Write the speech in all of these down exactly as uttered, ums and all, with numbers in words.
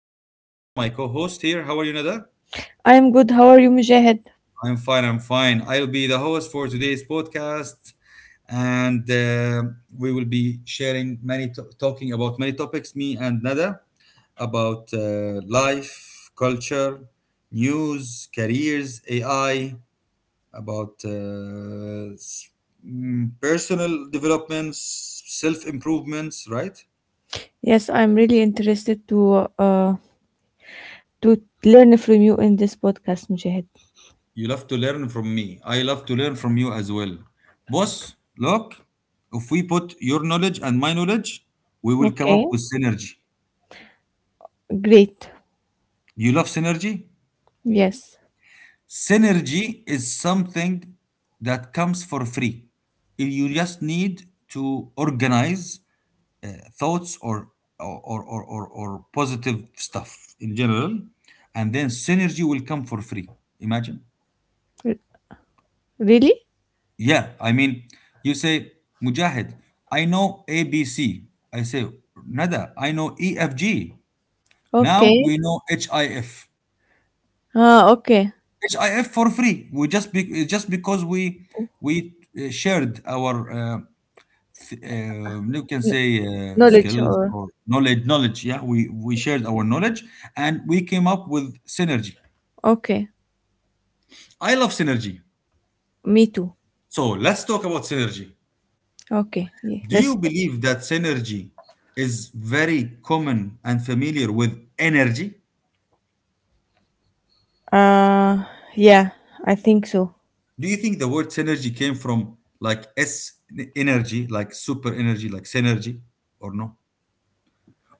uh, Nada with me, my co-host here. How are you, Nada? I am good. How are you, Mujahid? I'm fine. I'm fine. I'll be the host for today's podcast, and uh, we will be sharing many, to- talking about many topics. Me and Nada about uh, life, culture, news, careers, A I, about uh, s- mm, personal developments, self improvements, right? Yes, I'm really interested to uh, to learn from you in this podcast, Mujahid. You love to learn from me. I love to learn from you as well. Boss, look, if we put your knowledge and my knowledge, we will come up Okay. with synergy. Great. You love synergy? Yes. Synergy is something that comes for free. You just need to organize uh, thoughts or or, or, or, or or positive stuff in general, and then synergy will come for free. Imagine. R- really? Yeah, I mean, you say, Mujahid, I know A B C. I say, Nada, I know E F G. Now Okay. we know H I F. Ah, okay. H I F for free. We just be, just because we we uh, shared our uh, th- uh, you can Kn- say uh, knowledge skills or or knowledge knowledge. Yeah, we we shared our knowledge and we came up with synergy. okay. I love synergy. Me too. So let's talk about synergy. Okay. Yeah. Do Let's. you believe that synergy is very common and familiar with energy? Uh, yeah. I think so. Do you think the word synergy came from like S energy, like super energy, like synergy, or no?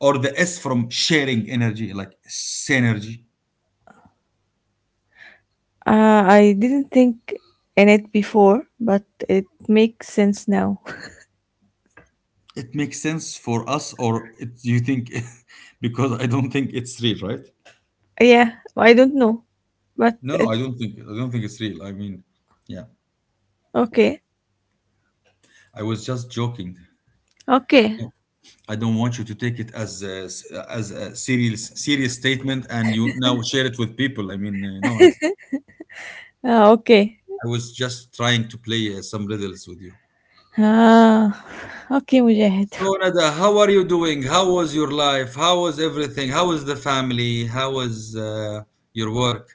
Or the S from sharing energy, like synergy? Uh, I didn't think in it before, but it makes sense now. It makes sense for us, or it, you think because I don't think it's real, right? yeah. I don't know, but No, no, it I don't think I don't think it's real. I mean, yeah, okay. I was just joking. Okay. I don't want you to take it as a, as a serious, serious statement, and you now share it with people. I mean, uh, no, no. آه، أوكي. I was just trying to play uh, some riddles with you. آه، أوكي مجاهد. So Nada, how are you doing? How was your life? How was everything? How was the family? How was uh, your work?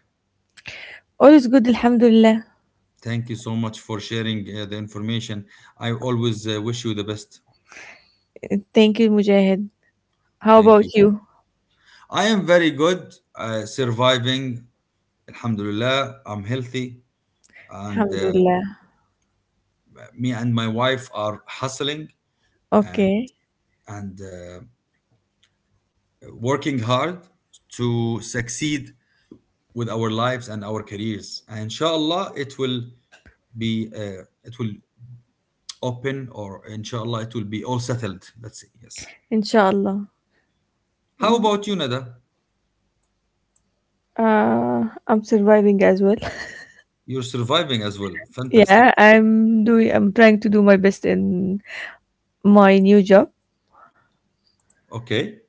All is good الحمد لله. Thank you so much for sharing uh, the information. I always uh, wish you the best. Thank you مجاهد. How Thank you. about you؟ I am very good, uh, surviving. Alhamdulillah, I'm healthy, and الحمد Uh, لله. me and my wife are hustling and Okay. and uh, working hard to succeed with our lives and our careers, and inshallah it will be uh, it will open, or inshallah it will be all settled, let's say. Yes. إن شاء الله. How about you, Nada? Uh, I'm surviving as well. You're surviving as well, fantastic. Yeah, I'm doing I'm trying to do my best in my new job, Okay.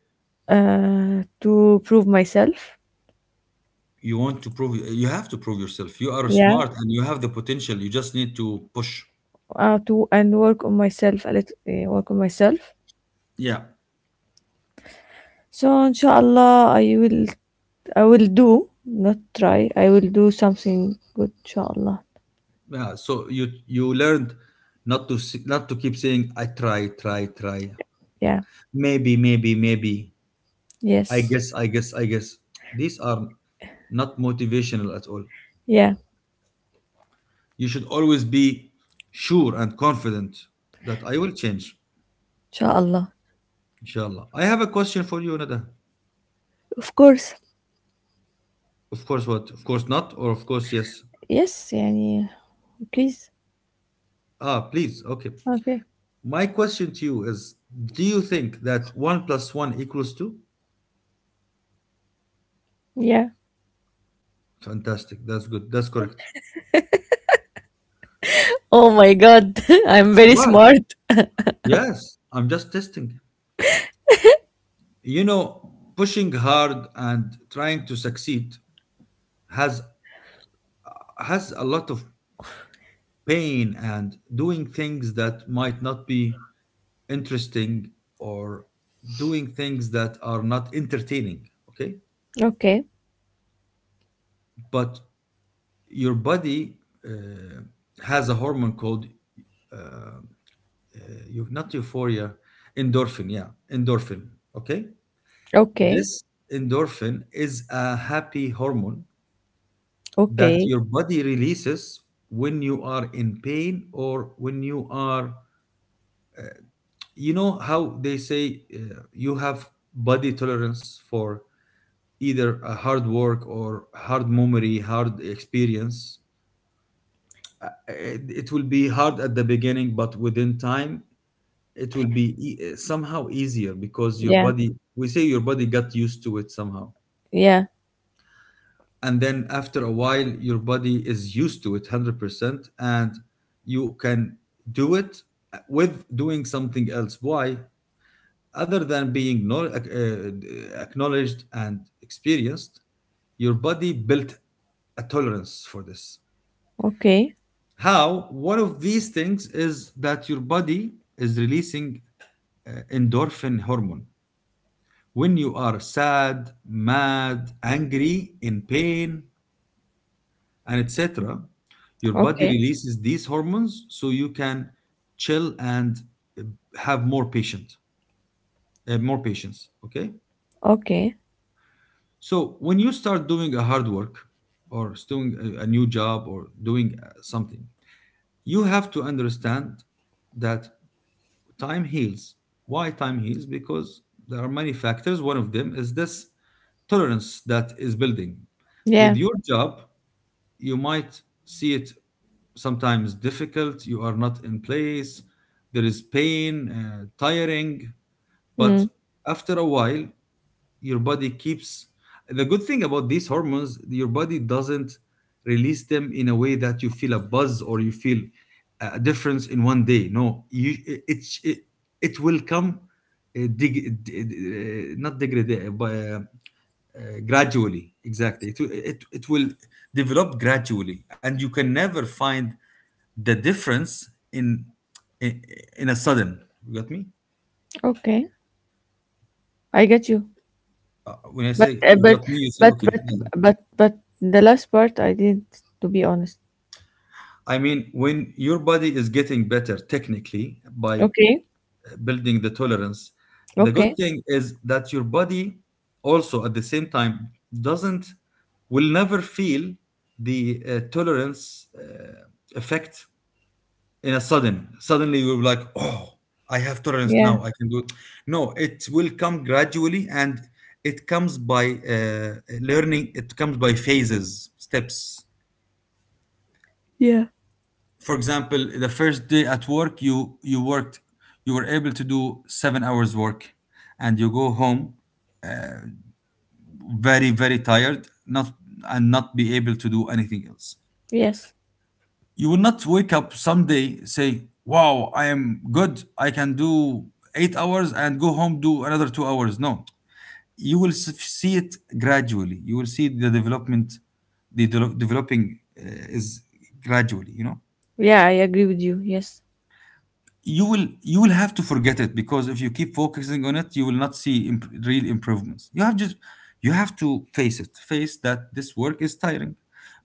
uh, to prove myself. You want to prove? You have to prove yourself. You are Yeah, smart and you have the potential. You just need to push. uh, to and work on myself a little, uh, work on myself. Yeah. So inshallah I will, I will do not try. I will do something good inshallah. Yeah, so you you learned not to s- not to keep saying I try, try, try. Yeah. Maybe, maybe, maybe. I Yes. guess, I guess, I guess. These are not motivational at all. Yeah. You should always be sure and confident that I will change, Inshallah. inshallah. I have a question for you, Nada. Of course. Of course, what? Of course not, or of course yes. Yes, yani, please. Ah, please. Okay. Okay. My question to you is: Do you think that one plus one equals two? Yeah. Fantastic. That's good. That's correct. Oh my god. I'm very What? smart. Yes, I'm just testing. You know, pushing hard and trying to succeed has has a lot of pain, and doing things that might not be interesting, or doing things that are not entertaining, okay? Okay. But your body uh, has a hormone called uh, uh, eu- not euphoria, endorphin, yeah, endorphin, okay? Okay. This endorphin is a happy hormone that Okay. your body releases when you are in pain, or when you are you know how they say, uh, you have body tolerance for either a hard work or hard memory, hard experience. Uh, it, it will be hard at the beginning, but within time it will be e- somehow easier, because your Yeah. body, we say your body got used to it somehow. Yeah. And then after a while your body is used to it one hundred percent, and you can do it with doing something else. Why? Other than being, no, uh, acknowledged and experienced, your body built a tolerance for this. Okay. How, one of these things is that your body is releasing uh, endorphin hormone when you are sad, mad, angry, in pain, and et cetera. Your body Okay. releases these hormones so you can chill and uh, have more patient, uh, more patience. Okay. Okay. So when you start doing a hard work, or doing a, a new job, or doing uh, something, you have to understand that time heals. Why time heals? Because there are many factors. One of them is this tolerance that is building. With Yeah. your job, you might see it sometimes difficult, you are not in place, there is pain, uh, tiring. Mm. But after a while your body keeps, the good thing about these hormones, your body doesn't release them in a way that you feel a buzz, or you feel a difference in one day. No, you it it, it will come, uh, dig, d- d- uh, not degrade, uh, but uh, uh, gradually. Exactly, it, will- it, it will develop gradually, and you can never find the difference in in, in a sudden. You got me? Okay. I get you. Uh, when I say But uh, you but got me, you say but okay. but but but the last part I didn't, to be honest. I mean, when your body is getting better technically, by Okay. building the tolerance, the good Okay. thing is that your body also at the same time doesn't will never feel the uh, tolerance uh, effect in a sudden. Suddenly you will be like, oh, I have tolerance Yeah. now, I can do it. No, it will come gradually, and it comes by uh, learning, it comes by phases, steps. Yeah. For example, the first day at work, you you worked, you were able to do seven hours work, and you go home very, very tired, not and not be able to do anything else. Yes. You will not wake up someday say, "Wow, I am good. I can do eight hours and go home, do another two hours." No. You will s- see it gradually. You will see the development, the de- developing uh, is gradually, you know. Yeah, I agree with you. Yes. you will you will have to forget it, because if you keep focusing on it you will not see imp- real improvements. You have just you have to face it face that this work is tiring.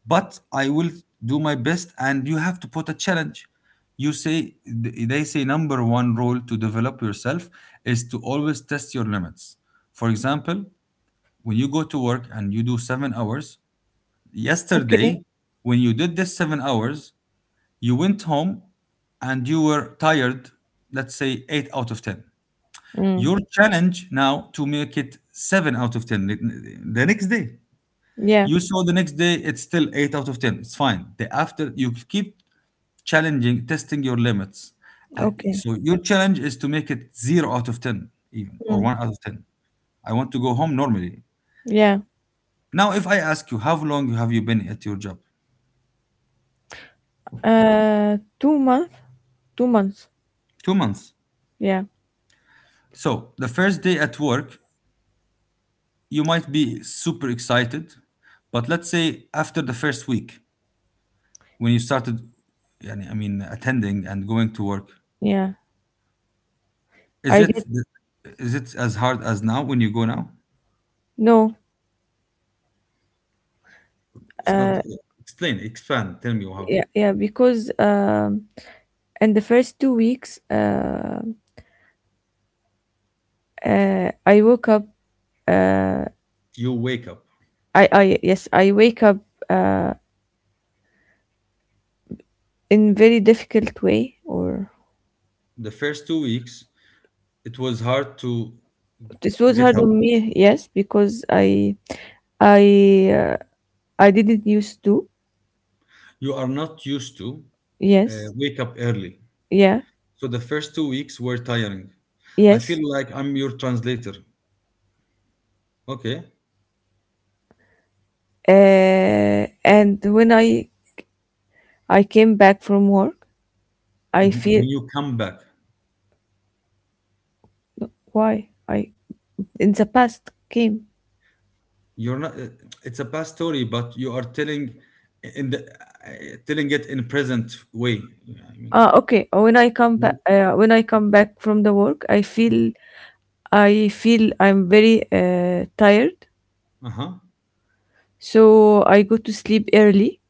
But I will do my best, and you have to put a challenge. You say, th- they say number one rule to develop yourself is to always test your limits. For example, when you go to work and you do seven hours Okay. yesterday, when you did this seven hours you went home and you were tired, let's say eight out of ten. Mm. Your challenge now, to make it seven out of ten the the next day. Yeah. You saw the next day, it's still eight out of ten. It's fine. The After, you keep challenging, testing your limits. Uh, Okay. so your challenge is to make it zero out of ten even, or Mm. one out of ten. I want to go home normally. Yeah. Now, if I ask you, how long have you been at your job? Uh, two month. Two months. two months. Yeah. So the first day at work, you might be super excited, but let's say after the first week, when you started, yani, I mean, attending and going to work, Yeah. is I it get is it as hard as now when you go now? no. It's not. Uh, Explain Expand, tell me how. yeah. Yeah. Because um, in the first two weeks, uh, uh, I woke up. Uh, You wake up. I I yes, I wake up. Uh, in very difficult way or The first two weeks it was hard to this was get hard up. on me, yes, because I I uh, I didn't used to. You are not used to uh, Yes. wake up early. Yeah. So the first two weeks were tiring. I feel Yes. like I'm your translator, okay. Uh, and when I I came back from work, I Mhm. feel When you come back. why I in the past came. You're not. uh, It's a past story, but you are telling in the uh, telling it in present way. Yeah, I mean, Ah, okay. uh, When I come back, uh, when I come back from the work, I feel I feel I'm very uh, tired. uh huh. So I go to sleep early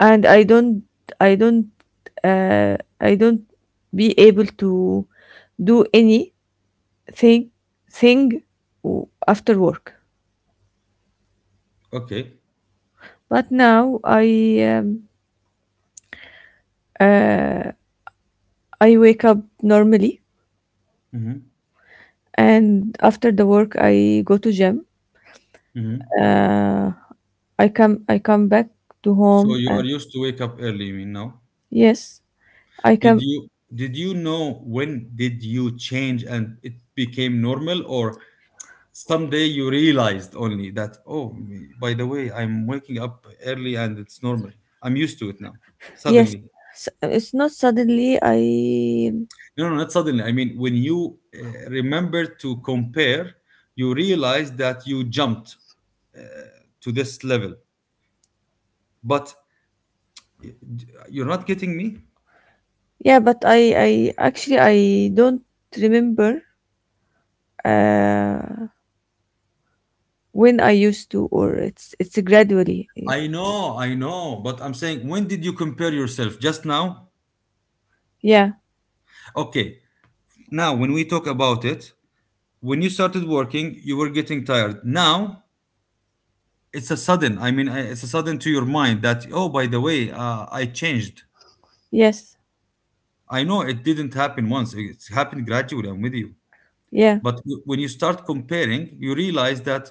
and i don't i don't uh, i don't be able to do anything thing w- after work. Okay. But now i um, uh, i wake up normally, Mm-hmm. and after the work I go to gym, Mm-hmm. uh, i come i come back to So home, you are and used to wake up early, you mean now? yes, I Did come, you did you know when did you change and it became normal? Or someday you realized only that, oh, by the way, I'm waking up early and it's normal. I'm used to it now. yes, Suddenly. s- it's not suddenly I. No, no, not suddenly. I mean, when you uh, remember to compare, you realize that you jumped uh, to this level. But you're not getting me? Yeah, but I I actually I don't remember, uh, when I used to, or it's it's gradually. I know, I know. But I'm saying, when did you compare yourself? Just now? Yeah, Okay. Now, when we talk about it, when you started working, you were getting tired. Now, it's a sudden, I mean, I- it's a sudden to your mind that, oh, by the way, uh, I changed. yes, I know it didn't happen once, it's happened gradually. I'm with you. yeah, But w- when you start comparing, you realize that,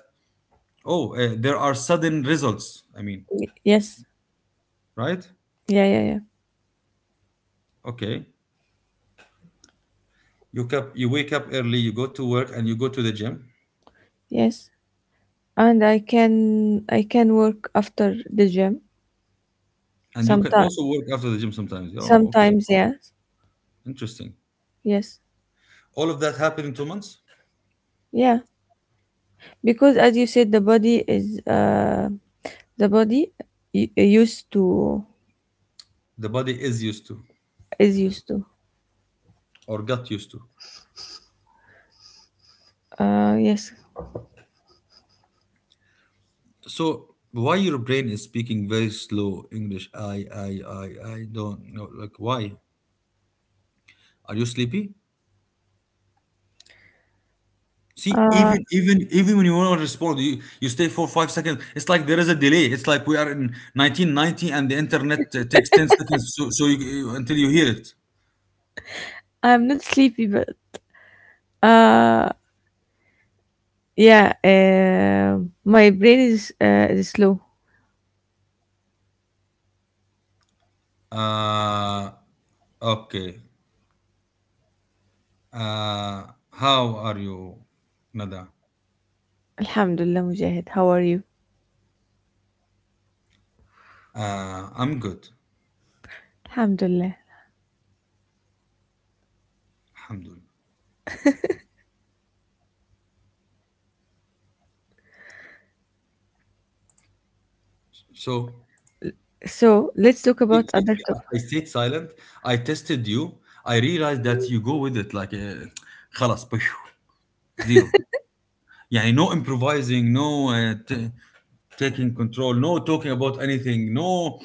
oh, uh, there are sudden results. I mean, y- yes, right? yeah, yeah, yeah, Okay. You, cap- you wake up early, you go to work, and you go to the gym. yes. And I can I can work after the gym And you can sometimes. also work after the gym sometimes. Oh, okay. Sometimes, yes, Interesting. yes, All of that happened in two months. yeah. Because as you said, the body is, uh the body y- used to, The body is used to, is used to. or got used to. Uh, yes. So, why your brain is speaking very slow English? I, I, I, I don't know. Like, why? Are you sleepy? See, Uh, even even even when you want to respond, you you stay for five seconds. It's like there is a delay. It's like we are in nineteen ninety and the internet uh, takes ten seconds so, so you, you- until you hear it. I'm not sleepy, but uh, yeah. Um, my brain is uh is slow. Uh, okay. Uh, how are you, Nada? Alhamdulillah, Mujahid. How are you? Uh, I'm good. Alhamdulillah. Alhamdulillah. So, So let's talk see, about see, other see, I topic. I stayed silent. I tested you. I realized that you go with it like, uh, خلاص, zero. يعني no improvising, no uh, t- taking control, no talking about anything, no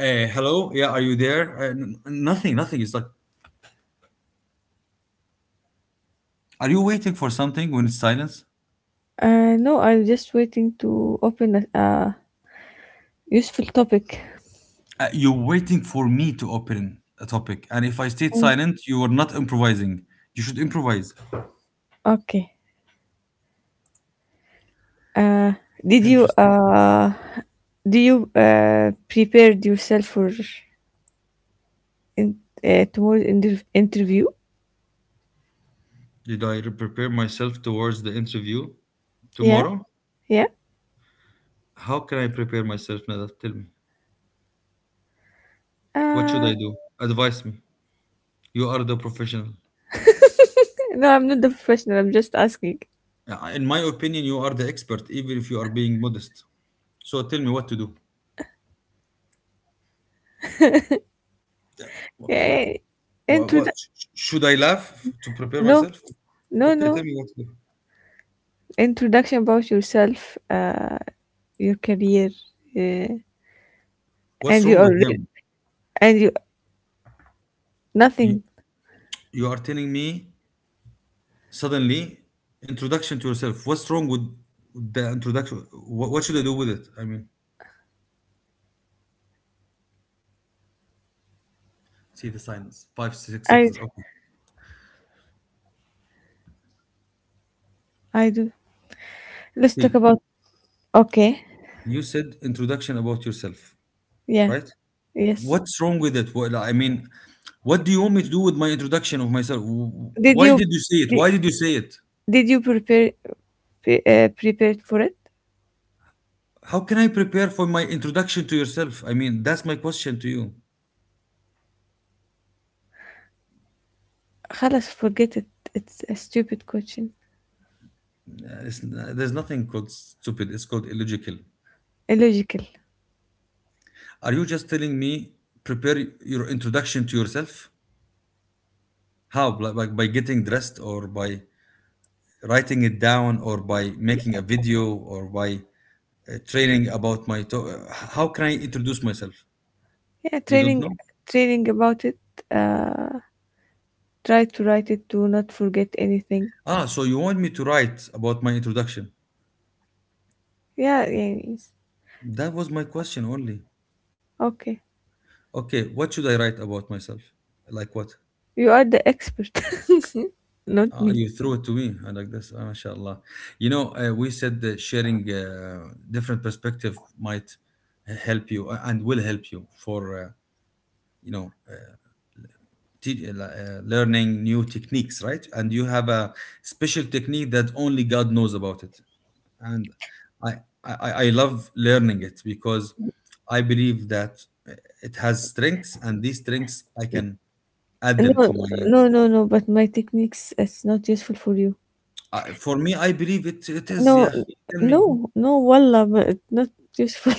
uh, hello, yeah, are you there, uh, n- nothing, nothing It's like are you waiting for something when it's silence? Uh, no, I'm just waiting to open a, uh, useful topic. Uh, you're waiting for me to open a topic, and if I stayed Mm. silent, you are not improvising. You should improvise. Okay. Uh, did you Interesting. Uh, do you uh, prepared yourself for, in, uh, tomorrow's inter- interview? Did I re- prepare myself towards the interview Yeah, tomorrow? yeah. How can I prepare myself now? Tell me what should Uh, I do. Advise me. You are the professional. no, I'm not the professional. I'm just asking. Uh, In my opinion, you are the expert, even if you are being modest. So tell me what to do. What, Yeah, yeah, yeah. what introdu- sh- should I laugh to prepare No, myself? no, Okay, tell no. me what to do. Introduction about yourself. Uh, your career, uh, What's and you wrong with already them? and you You nothing. you are telling me suddenly introduction to yourself. What's wrong with the introduction? What, what should I do with it? I mean, see the silence. Five six i seconds. Okay. i do. Let's talk See, about. Okay. you said introduction about yourself, Yeah. right? Yes. What's wrong with it? Well, I mean, what do you want me to do with my introduction of myself? W- did Why you did you say it? did, Why did you say it? did you prepare, pre, uh, prepared for it? How can I prepare for my introduction to yourself? I mean, that's my question to you. خلاص, forget it. It's a stupid question. Uh, it's- there's nothing called stupid, it's called illogical. Illogical. Are you just telling me prepare your introduction to yourself? How? Like, like by getting dressed, or by writing it down, or by making a video, or by uh, training about my to- uh, how can I introduce myself? Yeah, You don't training. know? Training about it. uh Try to write it. Do not forget anything. Ah, so you want me to write about my introduction? Yeah, yeah, yes. That was my question only. Okay. Okay, what should I write about myself? Like what? You are the expert. not Ah, me. you threw it to me. I like this. Ah, mashallah. You know, uh, we said that sharing uh, different perspective might help you uh, and will help you for uh, you know uh, te- uh, learning new techniques, right? And you have a special technique that only God knows about it. And I, I I love learning it because I believe that it has strengths, and these strengths I can add them No, to my. no, no, no, but my techniques is not useful for you. I, for me, I believe it. It is. No, Yeah, tell me. no, no, wallah, but not useful.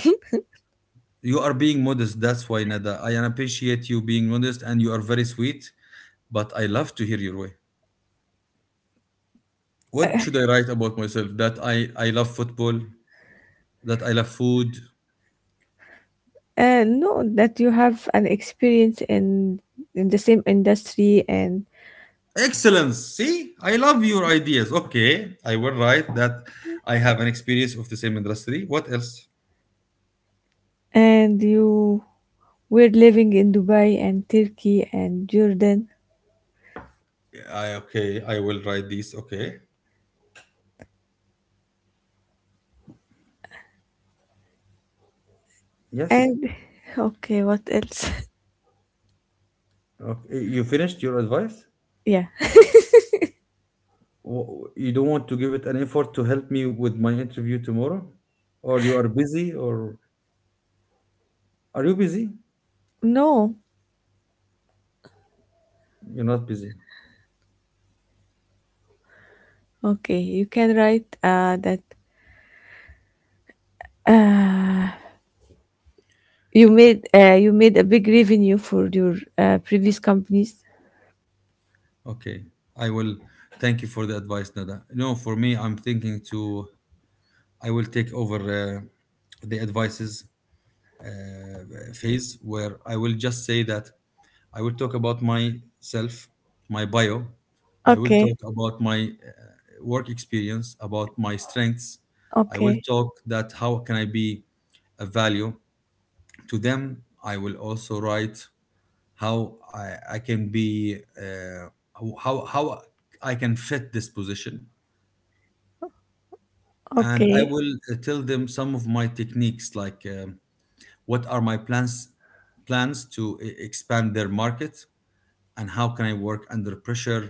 You are being modest. That's why, Nada. I appreciate you being modest, and you are very sweet. But I love to hear your way. What uh, should I write about myself? That I I love football. That I love food. no, that you have an experience in in the same industry, and Excellence. See, I love your ideas. Okay, I will write that I have an experience of the same industry. What else? and you were living in Dubai and Turkey and Jordan, I, Okay, I will write this. Okay. Yes. and okay, what else? Okay. You finished your advice? yeah, W- You don't want to give it an effort to help me with my interview tomorrow? Or you are busy? Or are you busy? no, You're not busy. okay, you can write uh that uh you made uh you made a big revenue for your, uh, previous companies. Okay. I will thank you for the advice, Nada. No, for me, I'm thinking to, I will take over uh, the advices uh, phase where I will just say that I will talk about myself, my bio. I will Okay, talk about my uh, work experience, about my strengths. I will okay, talk that how can I be a value to them. I will also write how I, I can be uh, how how I can fit this position, and I okay. will uh, tell them some of my techniques like. um What are my plans plans to e- expand their market, and how can I work under pressure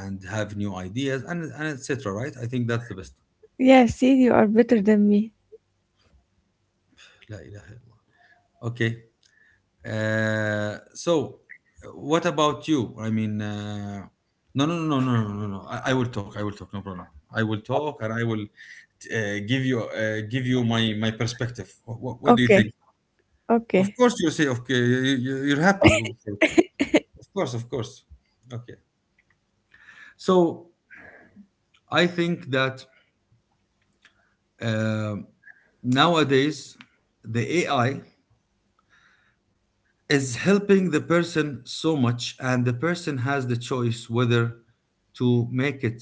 and have new ideas and and etc. Right? I think that's the best. Yeah, see, you are better than me. La ilaha illallah. Okay. Uh, so, uh, what about you? I mean, uh, no, no, no, no, no, no, no. no. I, I will talk. I will talk. No problem. I will talk, and I will uh, give you uh, give you my my perspective. What, what do you Okay, think? Of okay. course, you say okay. You, you- you're happy. Of course, of course. Okay. So I think that um nowadays the A I is helping the person so much, and the person has the choice whether to make it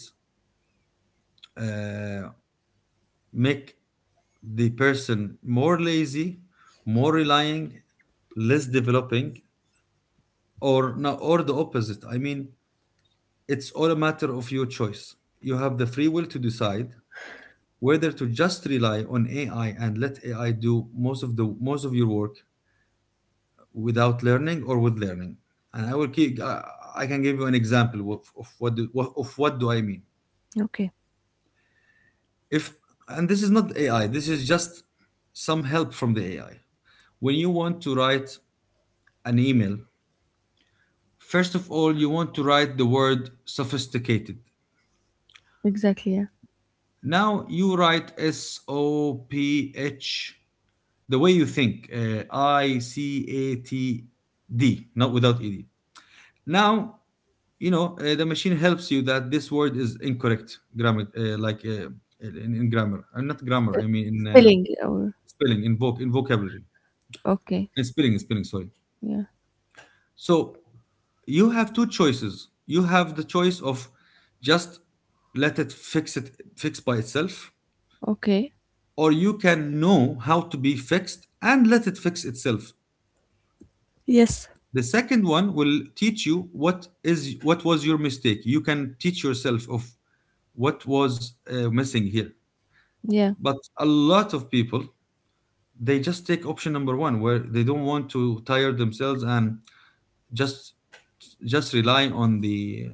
uh, make the person more lazy, more relying, less developing, or no, or the opposite. I mean, it's all a matter of your choice. You have the free will to decide whether to just rely on A I and let A I do most of the most of your work without learning or with learning. And I will keep I I can give you an example of, of what do, what- of what do I mean. Okay. If, and this is not AI, this is just some help from the AI, when you want to write an email, first of all, you want to write the word sophisticated. Exactly, yeah. Now you write S O P H, the way you think, uh, I C A T D, not without ED. Now, you know, uh, the machine helps you that this word is incorrect grammar, uh, like uh, in, in grammar, and not grammar, I Sp- mean in uh, Spelling, or spelling, in voc in vocabulary, okay. in spelling, in spelling, sorry. Yeah. So you have two choices. You have the choice of just let it fix it fix by itself, Okay. or you can know how to be fixed and let it fix itself. Yes. The second one will teach you what is what was your mistake. You can teach yourself of what was uh, missing here. Yeah. But a lot of people, they just take option number one, where they don't want to tire themselves and just just rely on the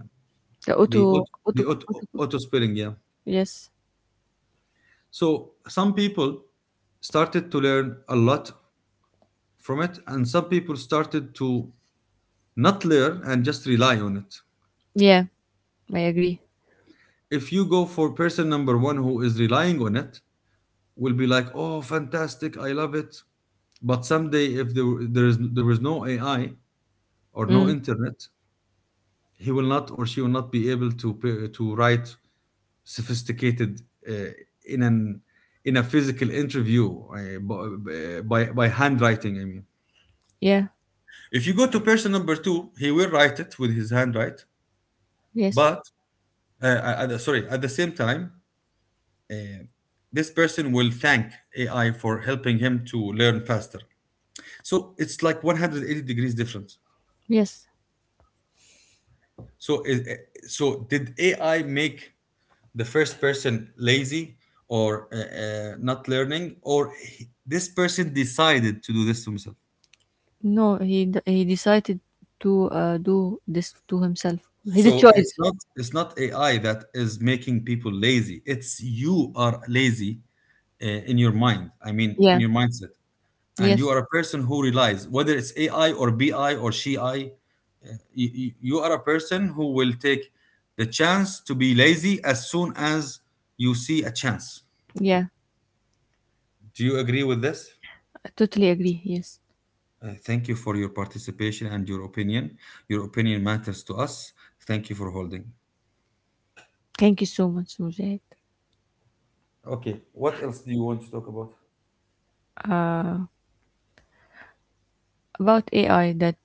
The the auto auto, auto the auto, auto. auto spelling. Yeah. Yes. So some people started to learn a lot from it, and some people started to not learn and just rely on it. Yeah. I agree. If you go for person number one who is relying on it, will be like, oh, fantastic, I love it. But someday, if there there is there is no A I or no Mm. internet, he will not or she will not be able to p- to write sophisticated uh, in an in a physical interview, uh, by by handwriting. I mean, Yeah. if you go to person number two, he will write it with his handwrite. Yes. But uh, uh, at the- sorry, at the same time, uh, this person will thank A I for helping him to learn faster. So it's like one hundred eighty degrees different. Yes. So is, uh, so did A I make the first person lazy, or uh, uh, not learning, or he- this person decided to do this to himself? No. He d- he decided to, uh, do this to himself. His So it's choice. not it's not AI that is making people lazy, it's you are lazy uh, in your mind I mean in Yeah. your mindset And Yes. you are a person who relies, whether it's AI or B I or she I. uh, you, you are a person who will take the chance to be lazy as soon as you see a chance. Yeah. Do you agree with this? I totally agree. Yes. Uh, thank you for your participation and your opinion. Your opinion matters to us. Thank you for holding. Thank you so much, Mujahid. Okay, what else do you want to talk about? Uh, about A I, that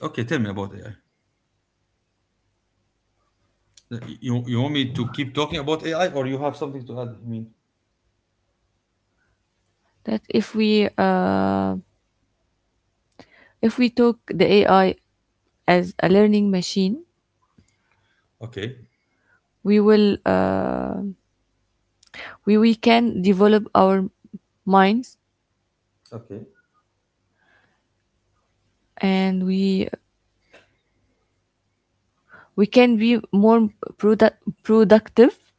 Okay, tell me about A I. You, you want me to keep talking about A I, or you have something to add, I mean. that if we uh, if we took the A I as a learning machine, Okay. we will, uh, we we can develop our minds, Okay. and we we can be more produ- productive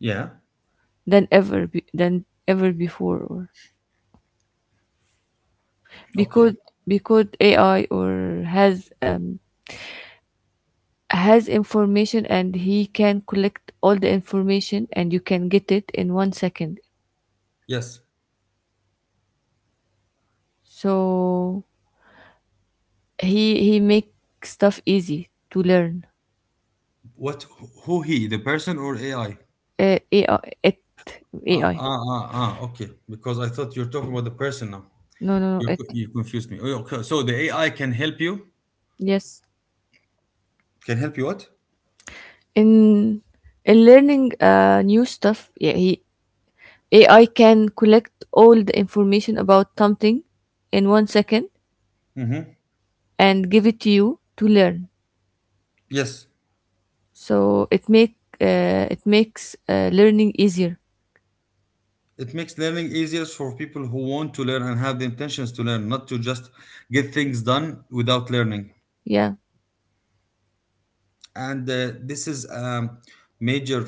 Yeah. than ever be- than ever before, or Okay. because, because A I or has um, has information, and he can collect all the information and you can get it in one second, Yes. so he he makes stuff easy to learn. What? Who he? The person or A I? Uh, A I, it, Ah, A I. ah, ah, ah. Okay. Because I thought you're talking about the person now. No, no, no, You it, you confused me. Oh, okay. So the A I can help you. yes. Can help you what? In in learning uh new stuff, yeah, he A I can collect all the information about something in one second Mm-hmm. and give it to you to learn. Yes. So it make uh, it makes, uh, learning easier. It makes learning easier for people who want to learn and have the intentions to learn, not to just get things done without learning. Yeah. And uh, this is a major,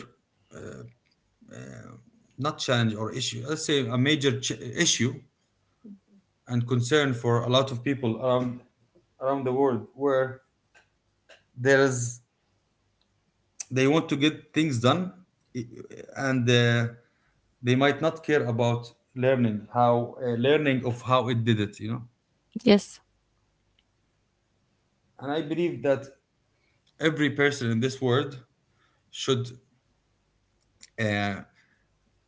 uh, not challenge or issue, let's say a major ch- issue and concern for a lot of people around, around the world where there's they want to get things done, I- and uh, they might not care about learning how, uh, learning of how it did it, you know. Yes. And I believe that every person in this world should uh,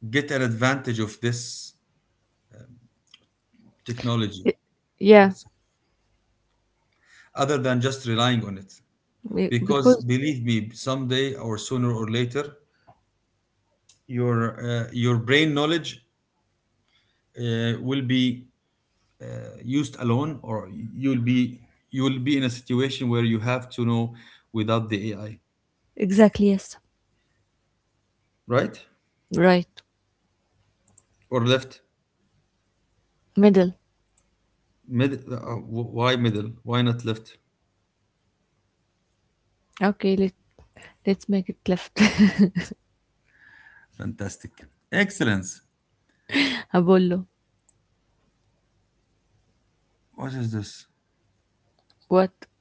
get an advantage of this technology Y- Yeah. other than just relying on it, Be- because Because believe me, someday or sooner or later, your uh, your brain knowledge uh, will be uh, used alone, or you'll be you will be in a situation where you have to know without the AI. exactly, yes. Right? Right. Or left? Middle. Mid uh, Why middle? Why not left? Okay, let let's make it left. Fantastic. Excellence. Abolo. What is this? What?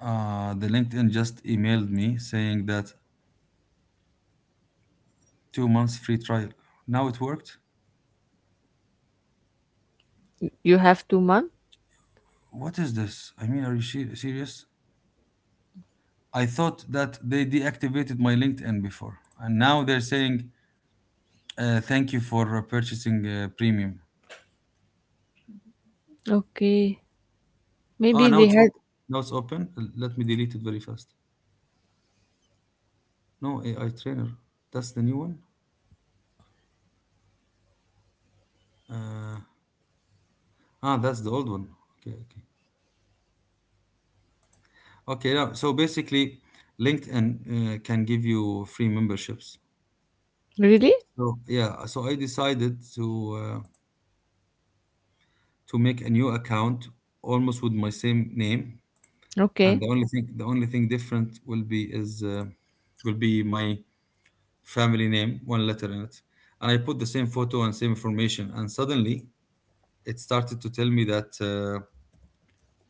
Uh, the LinkedIn just emailed me saying that two months free trial. Now it worked? You have two mom? What is this? I mean, are you she- serious? I thought that they deactivated my LinkedIn before, and now they're saying uh, thank you for uh, purchasing uh, premium. Okay. Ah, Maybe now they it's had, open. Now it's open. L- Let me delete it very fast. No A I trainer. That's the new one. Uh, ah, that's the old one. Okay, okay, okay. Now, so basically, LinkedIn uh, can give you free memberships. really? So yeah, so I decided to uh, to make a new account almost with my same name, and Okay. the only thing the only thing different will be is uh, will be my family name, one letter in it, and I put the same photo and same information, and suddenly it started to tell me that uh,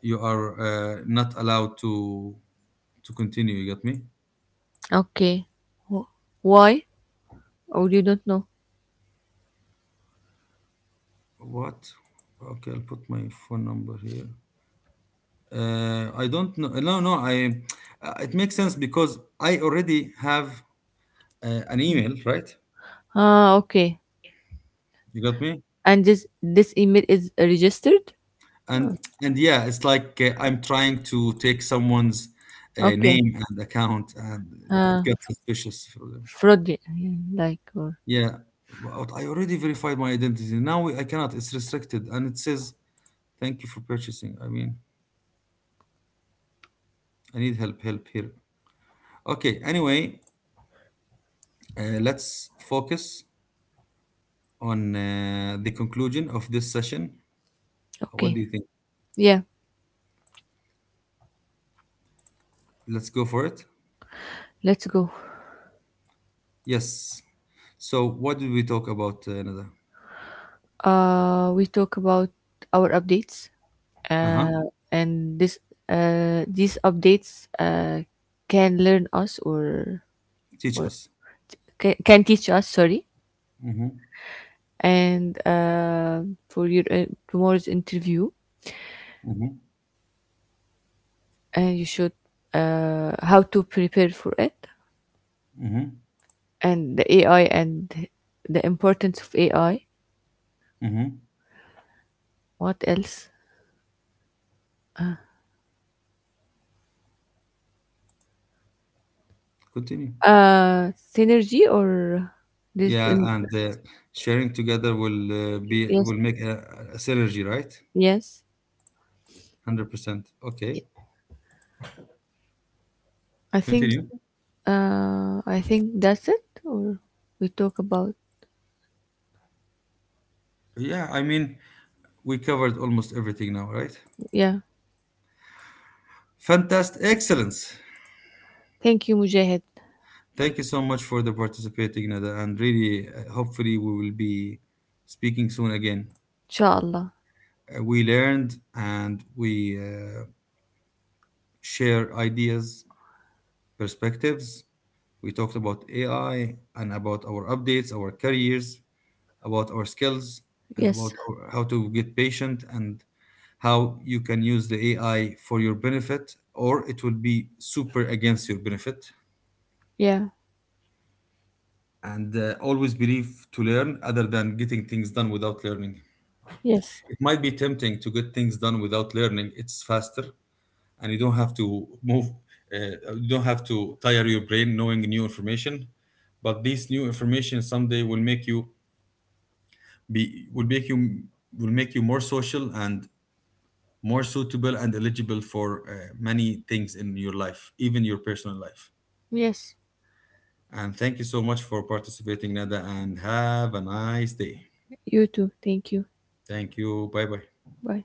you are uh, not allowed to to continue. You get me? Okay. Wh- Why? Oh, you don't know. What? Okay, I'll put my phone number here. Uh, I don't know. No, no. I uh, It makes sense because I already have uh, an email, right? Ah, okay. You got me. And this this email is registered? And and Yeah, it's like uh, I'm trying to take someone's uh, Okay. name and account, and it Uh gets suspicious for them. Fraud, yeah, like, or Yeah, but I already verified my identity. Now I cannot. It's restricted, and it says thank you for purchasing. I mean, I need help. Help here. Okay. Anyway, uh, let's focus on uh, the conclusion of this session. What do okay. you think? Yeah. Let's go for it. Let's go. Yes. So, what did we talk about, uh, Nada? Uh, we talk about our updates, Uh huh. uh, and this uh, these updates, uh, can learn us, or Teach or us. can, can teach us. Sorry, Mm-hmm. and, uh, for your, uh, tomorrow's interview, Mm-hmm. and you should, uh, how to prepare for it, Mm-hmm. and the A I, and the importance of A I. Mm-hmm. What else? Continue. Uh, synergy, or this? Yeah, and uh, sharing together will uh, be Yes, will make a, a synergy, right? yes. Hundred percent. Okay. I think, Continue. Uh, I think that's it, or we talk about, Yeah, I mean, we covered almost everything now, right? yeah. Fantastic. Excellence. Thank you, Mujahid. Thank you so much for the participating, Nada, and really, uh, hopefully, we will be speaking soon again. Inshallah. Uh, we learned, and we uh, share ideas, perspectives. We talked about A I and about our updates, our careers, about our skills, and Yes. about our, how to get patient, and how you can use the A I for your benefit, or it will be super against your benefit. Yeah. And uh, always believe to learn other than getting things done without learning. Yes. It might be tempting to get things done without learning, it's faster, and you don't have to move, uh, you don't have to tire your brain knowing new information, but this new information someday will make you be will make you will make you more social and more suitable and eligible for uh, many things in your life, even your personal life. Yes. And thank you so much for participating, Nada, and have a nice day. You too. Thank you. Thank you, bye bye. Bye.